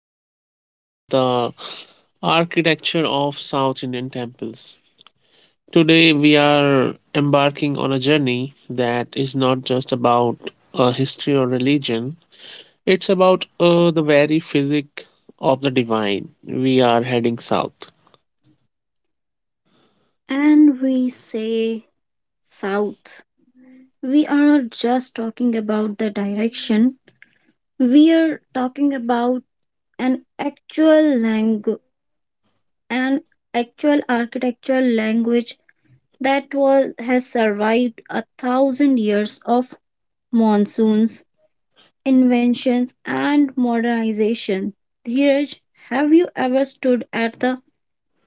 are going to talk about the architecture of South Indian temples. Today we are embarking on a journey that is not just about history or religion. It's about the very physic of the divine. We are heading south. And we say south, we are just talking about the direction. We are talking about an actual language, an actual architectural language that was has survived a thousand years of monsoons, inventions, and modernization. Dheeraj, have you ever stood at the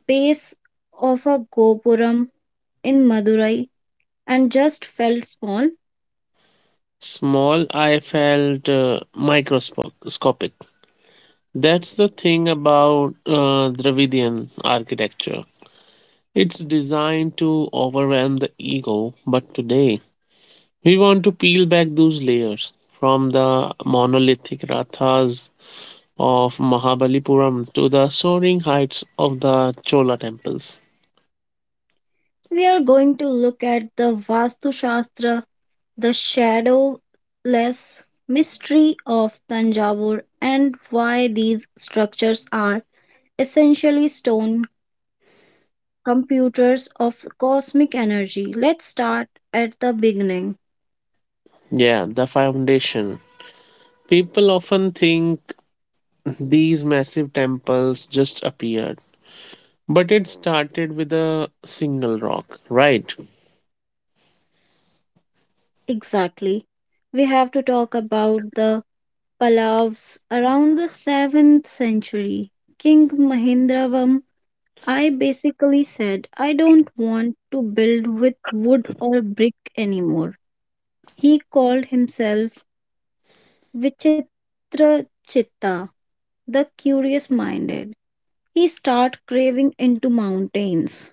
base of a gopuram in Madurai and just felt small? Small, I felt microscopic. That's the thing about Dravidian architecture. It's designed to overwhelm the ego, but today we want to peel back those layers, from the monolithic rathas of Mahabalipuram to the soaring heights of the Chola temples. We are going to look at the Vastu Shastra, the shadowless mystery of Tanjavur, and why these structures are essentially stone computers of cosmic energy. Let's start at the beginning. Yeah, the foundation. People often think these massive temples just appeared, but it started with a single rock, right? Exactly. We have to talk about the Pallavas around the 7th century. King Mahendravam I basically said, I don't want to build with wood or brick anymore. He called himself Vichitra Chitta, the curious minded. He started craving into mountains.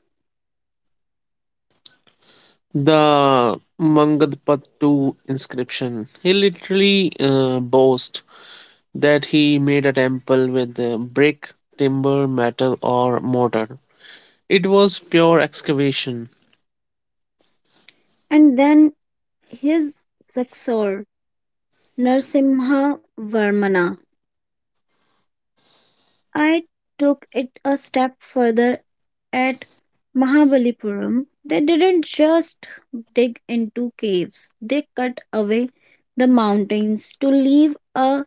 The Mangadpattu inscription. He literally boasts that he made a temple with brick, timber, metal, or mortar. It was pure excavation. And then his successor, Narsimha Varmana. I took it a step further at Mahabalipuram, they didn't just dig into caves, they cut away the mountains to leave a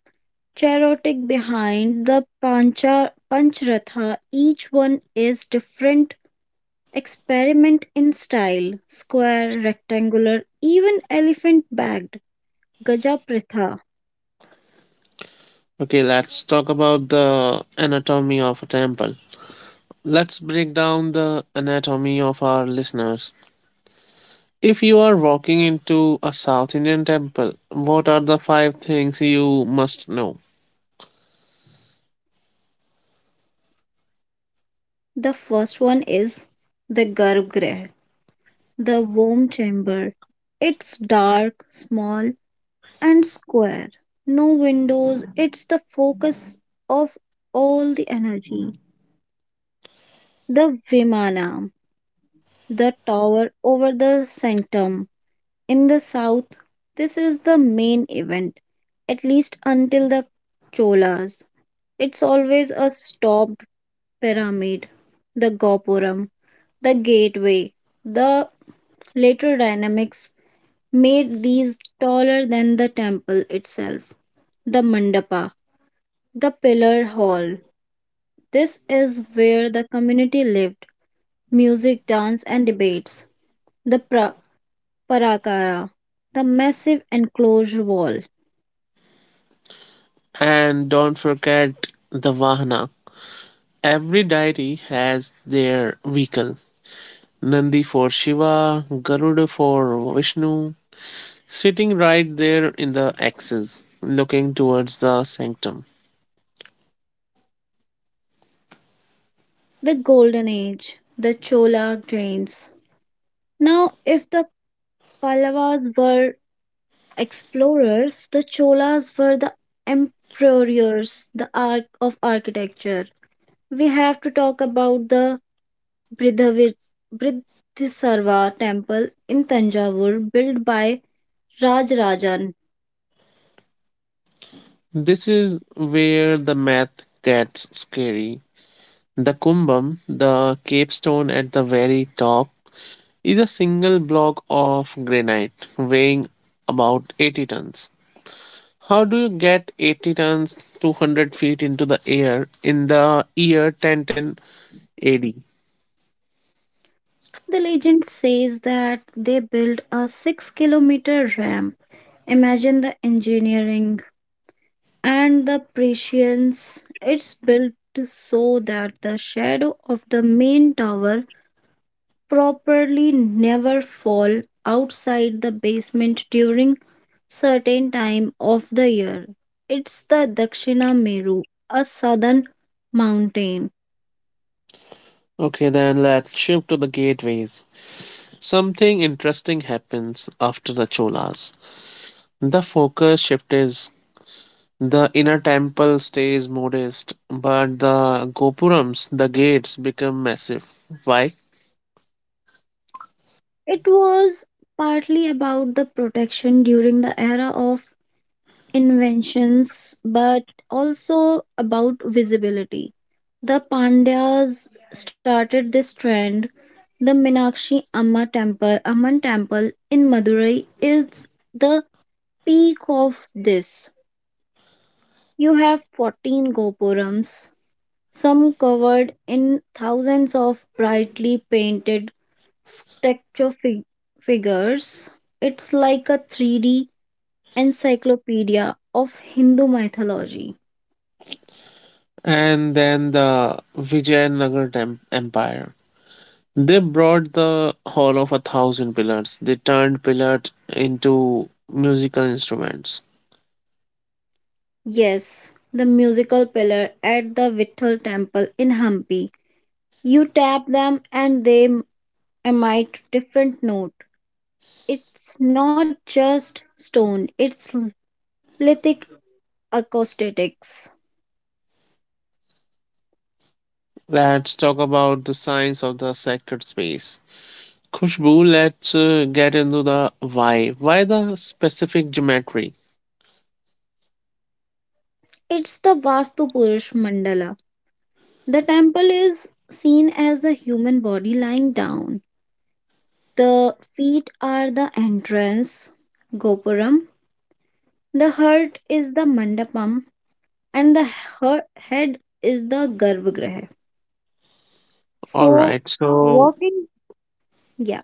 charotic behind the Panchratha. Each one is different experiment in style square, rectangular, even elephant bagged. Gaja pratha. Okay, let's talk about the anatomy of a temple. Let's break down the anatomy of our listeners. If you are walking into a South Indian temple, what are the five things you must know? The first one is the Garbhgriha, the womb chamber. It's dark, small, and square. No windows, it's the focus of all the energy. The Vimana, the tower over the centum. In the south, this is the main event, at least until the Cholas. It's always a stopped pyramid, the Gopuram, the gateway. The later dynamics made these taller than the temple itself, the Mandapa, the pillar hall. This is where the community lived music, dance, and debates. The Parakara, the massive enclosure wall, And don't forget the Vahana. Every deity has their vehicle: Nandi for Shiva, Garuda for Vishnu, sitting right there in the axis, looking towards the sanctum. the Golden Age, the Chola grains. Now, if the Pallavas were explorers, the Cholas were the emperors, the art of architecture. We have to talk about the Bridhavi- Bridhisarva temple in Tanjavur, built by Rajarajan. This is where the math gets scary. The kumbum, the capstone at the very top, is a single block of granite weighing about 80 tons. How do you get 80 tons 200 feet into the air in the year 1010 AD? The legend says that they built a 6-kilometer ramp. Imagine the engineering and the prescience. It's built so that the shadow of the main tower properly never fall outside the basement during certain time of the year. It's the Dakshina Meru, a southern mountain. Okay, then let's shift to the gateways. Something interesting happens after the Cholas. The focus shift is, the inner temple stays modest, but the gopurams, the gates, become massive. Why? It was partly about the protection during the era of inventions but also about visibility. The Pandyas started this trend. The Minakshi Amma temple, Amman temple in Madurai is the peak of this. You have 14 gopurams, some covered in thousands of brightly painted statue fig- figures. It's like a 3D encyclopedia of Hindu mythology. And then the Vijayanagar Empire. They brought the Hall of a Thousand Pillars. They turned pillars into musical instruments. Yes, the musical pillar at the Vithal temple in Hampi. You tap them and they emit different note. It's not just stone, it's lithic acoustics. Let's talk about the science of the sacred space. Khushbu, let's get into the why. Why the specific geometry? It's the Vastu Purush mandala. The temple is seen as the human body lying down. The feet are the entrance, gopuram. The heart is the mandapam and the head is the garbhagriha. All So, right, so, walking, yeah,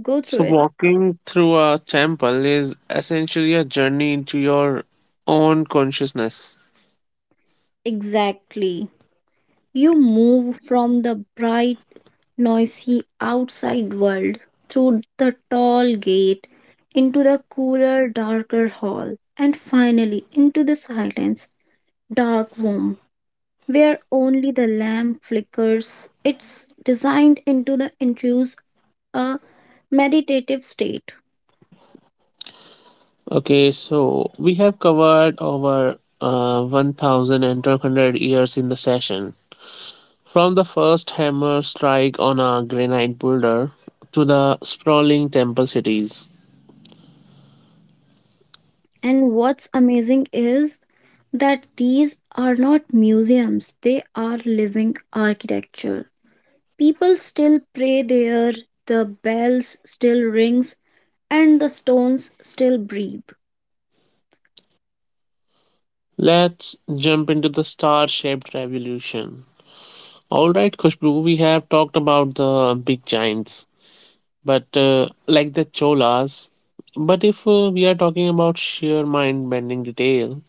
go through so it. walking through a temple is essentially a journey into your own consciousness. Exactly. You move from the bright, noisy outside world through the tall gate into the cooler, darker hall, and finally into the silence, dark room where only the lamp flickers. It's designed into the induce a meditative state. Okay, so we have covered over 1200 years in the session, from the first hammer strike on a granite boulder to the sprawling temple cities. And what's amazing is that these are not museums, they are living architecture. People still pray there, the bells still rings, and the stones still breathe. Let's jump into the star shaped revolution. Alright, Kushbu, we have talked about the big giants, but like the Cholas. But if we are talking about sheer mind bending detail,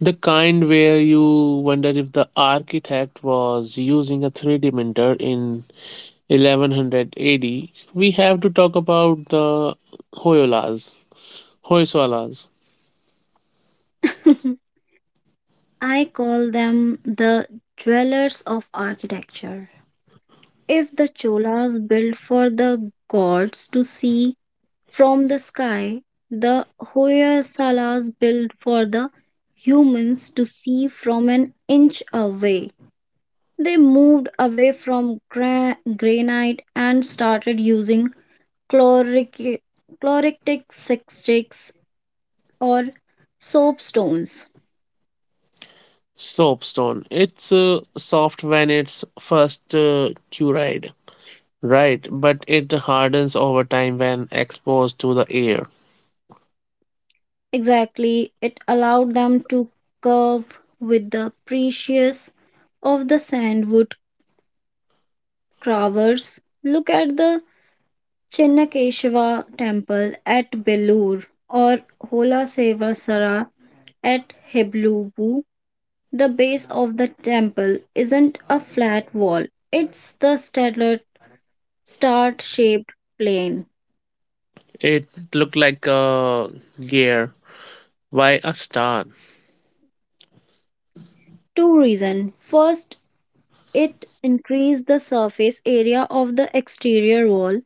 the kind where you wonder if the architect was using a 3D printer in 1100 AD, we have to talk about the Hoyolas, Hoysalas. I call them the dwellers of architecture. If the Cholas built for the gods to see from the sky, the Hoysalas built for the humans to see from an inch away. They moved away from granite and started using chloric- chloritic sticks or soapstones. Soapstone. It's soft when it's first cured, right? But it hardens over time when exposed to the air. Exactly, it allowed them to curve with the precious of the sandwood carvers. Look at the Chinnakeshava temple at Belur or Hola Seva Sara at Heblubu. The base of the temple isn't a flat wall, it's the stellar star shaped plane. It looked like a gear. Why a star? Two reasons. First, it increased the surface area of the exterior wall.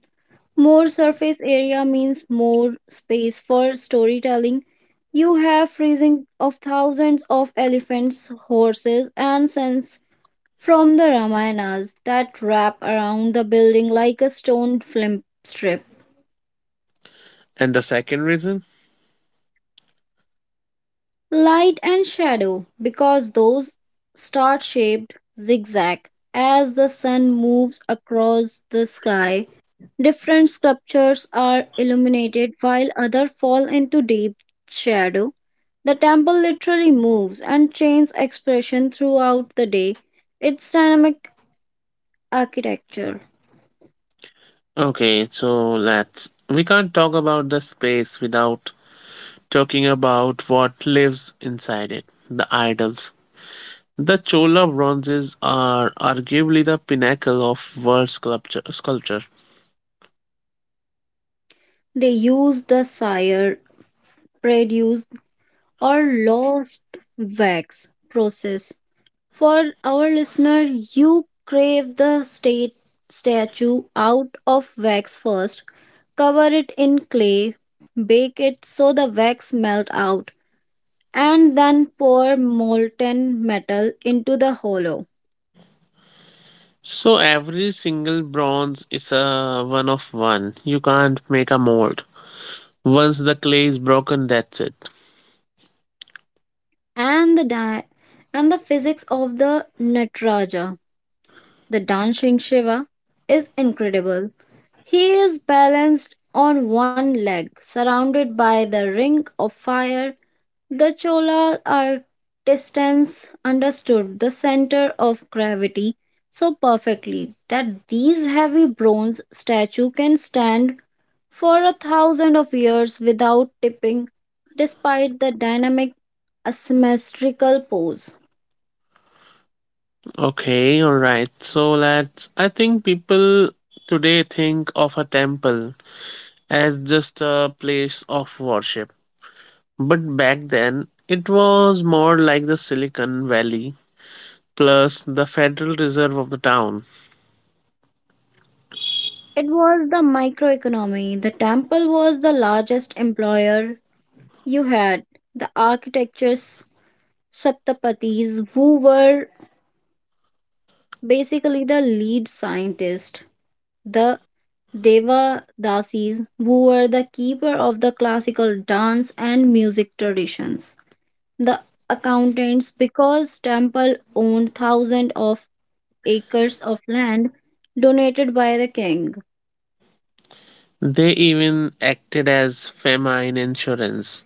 More surface area means more space for storytelling. You have freezing of thousands of elephants, horses, and scents from the Ramayanas that wrap around the building like a stone film strip. And the second reason? Light and shadow, because those star shaped zigzag as the sun moves across the sky. Different sculptures are illuminated while others fall into deep shadow. The temple literally moves and changes expression throughout the day. Its dynamic architecture. Okay, so let's, we can't talk about the space without talking about what lives inside it, the idols. The Chola bronzes are arguably the pinnacle of world sculpture. They use the sire, reduced, or lost wax process. For our listener, you crave the state statue out of wax first, cover it in clay, bake it so the wax melt out, and then pour molten metal into the hollow. So every single bronze is a one of one. You can't make a mold. Once the clay is broken, that's it. And the di- and the physics of the Nataraja, the dancing Shiva, is incredible. He is balanced on one leg, surrounded by the ring of fire. The Chola are distance understood the center of gravity so perfectly that these heavy bronze statue can stand for a thousand of years without tipping despite the dynamic asymmetrical pose. Okay, all right. So let's, I think people today think of a temple as just a place of worship. But back then, it was more like the Silicon Valley plus the Federal Reserve of the town. It was the microeconomy. The temple was the largest employer you had. The architects, Shaptapatis, who were basically, the lead scientist, the Devadasis, who were the keeper of the classical dance and music traditions. The accountants, because temple owned thousands of acres of land donated by the king. They even acted as famine insurance.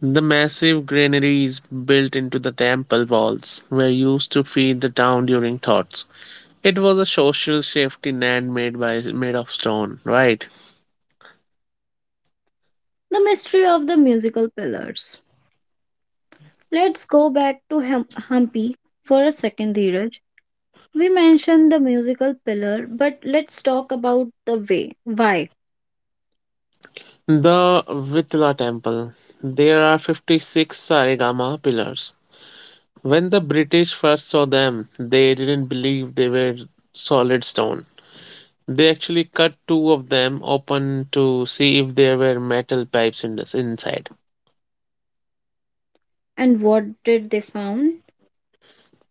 The massive granaries built into the temple walls were used to feed the town during thoughts. It was a social safety net made of stone, right? The mystery of the musical pillars. Let's go back to Hampi for a second, Dheeraj. We mentioned the musical pillar, but let's talk about the way. Why? The Vitla Temple. There are 56 Saregama pillars. When the British first saw them, they didn't believe they were solid stone. They actually cut two of them open to see if there were metal pipes in this inside. And what did they found?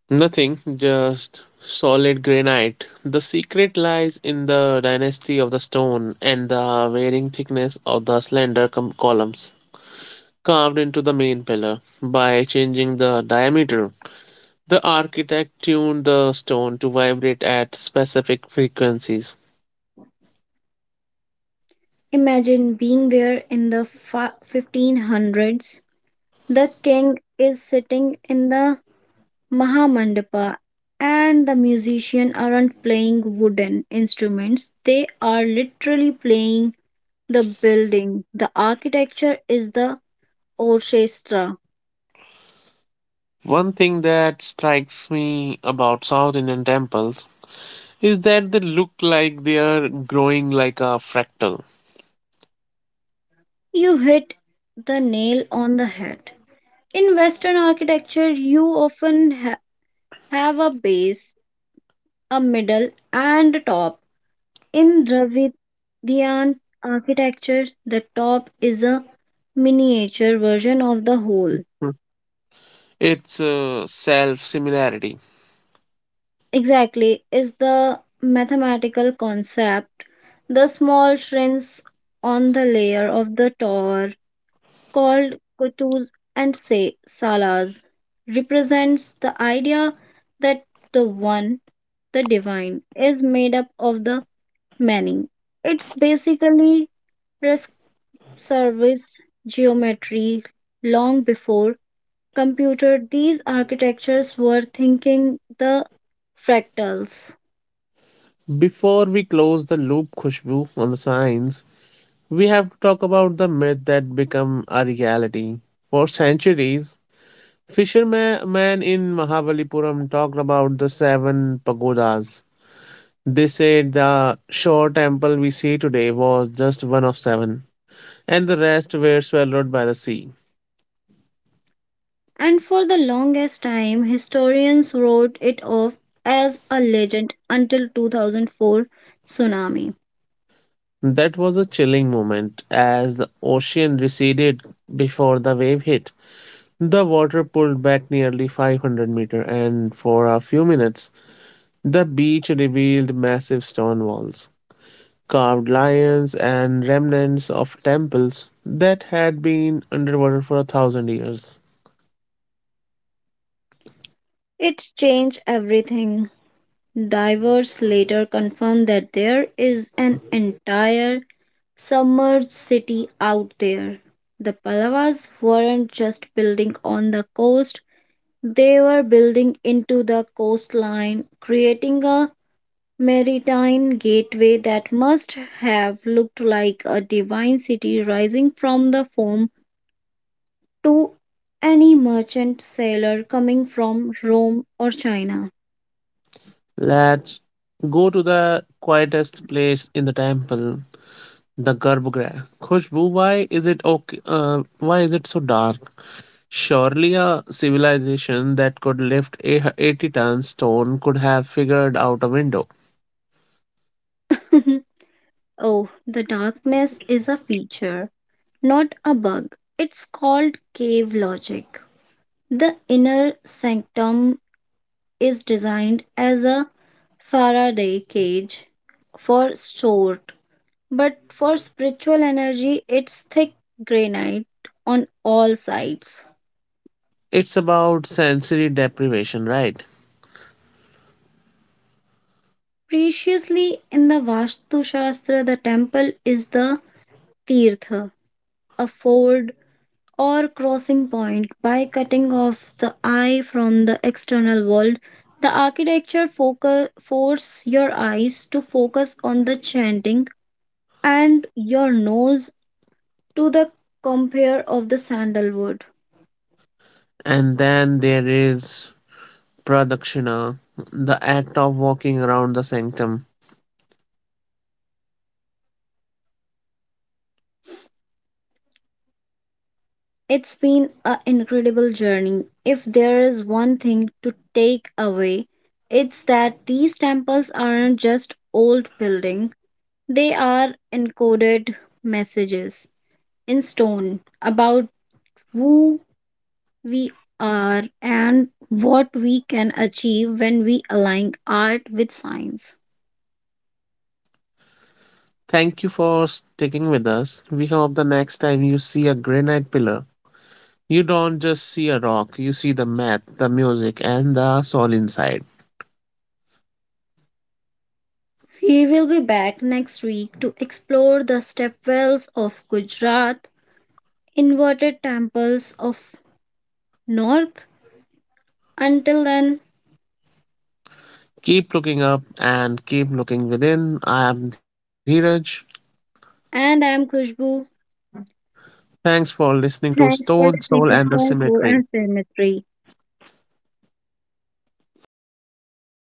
Nothing, just solid granite. The secret lies in the dynasty of the stone and the varying thickness of the slender columns carved into the main pillar. By changing the diameter, the architect tuned the stone to vibrate at specific frequencies. Imagine being there in the 1500s. The king is sitting in the Mahamandapa and the musicians aren't playing wooden instruments. They are literally playing the building. The architecture is the orchestra. One thing that strikes me about South Indian temples is that they look like they are growing like a fractal. You hit the nail on the head. In Western architecture, you often have a base, a middle, and a top. In Dravidian architecture, the top is a miniature version of the whole. Hmm. It's self similarity. Exactly, is the mathematical concept. The small shrinks on the layer of the tower, called kutus and say salas, represents the idea that the one, the divine, is made up of the many. It's basically service geometry long before computer these architectures were thinking the fractals. Before we close the loop, Khushbu, on the science, we have to talk about the myth that became a reality. For centuries, fishermen in Mahabalipuram talked about the seven pagodas. They said the short temple we see today was just one of seven, and the rest were swallowed by the sea. And for the longest time historians wrote it off as a legend until 2004 tsunami That was a chilling moment. As the ocean receded before the wave hit, the water pulled back nearly 500 meter, and for a few minutes, the beach revealed massive stone walls, carved lions, and remnants of temples that had been underwater for a thousand years. it changed everything. Divers later confirmed that there is an entire submerged city out there. The Pallavas weren't just building on the coast, they were building into the coastline, creating a maritime gateway that must have looked like a divine city rising from the foam to any merchant sailor coming from Rome or China. Let's go to the quietest place in the temple, the Garbhagriha. Khushbu, why is it okay? Why is it so dark? Surely a civilization that could lift a 80-ton stone could have figured out a window. Oh, the darkness is a feature, not a bug. It's called cave logic. The inner sanctum is designed as a Faraday cage for stored. But for spiritual energy, it's thick granite on all sides. It's about sensory deprivation, right? Preciously, in the Vastu Shastra, the temple is the Tirtha, a ford or crossing point. By cutting off the eye from the external world, the architecture focus, force your eyes to focus on the chanting and your nose to the compare of the sandalwood. And then there is pradakshina, the act of walking around the sanctum. It's been an incredible journey. If there is one thing to take away, it's that these temples aren't just old buildings, they are encoded messages in stone about who we are and what we can achieve when we align art with science. Thank you for sticking with us. We hope the next time you see a granite pillar, you don't just see a rock, you see the math, the music, and the soul inside. We will be back next week to explore the stepwells of Gujarat, inverted temples of North. Until then, Keep looking up and keep looking within. I am Dheeraj. and I'm Kushbu. Thanks for listening to Thanks Stone, for Soul, listening and to the Stone Stoneful Symmetry. and Symmetry.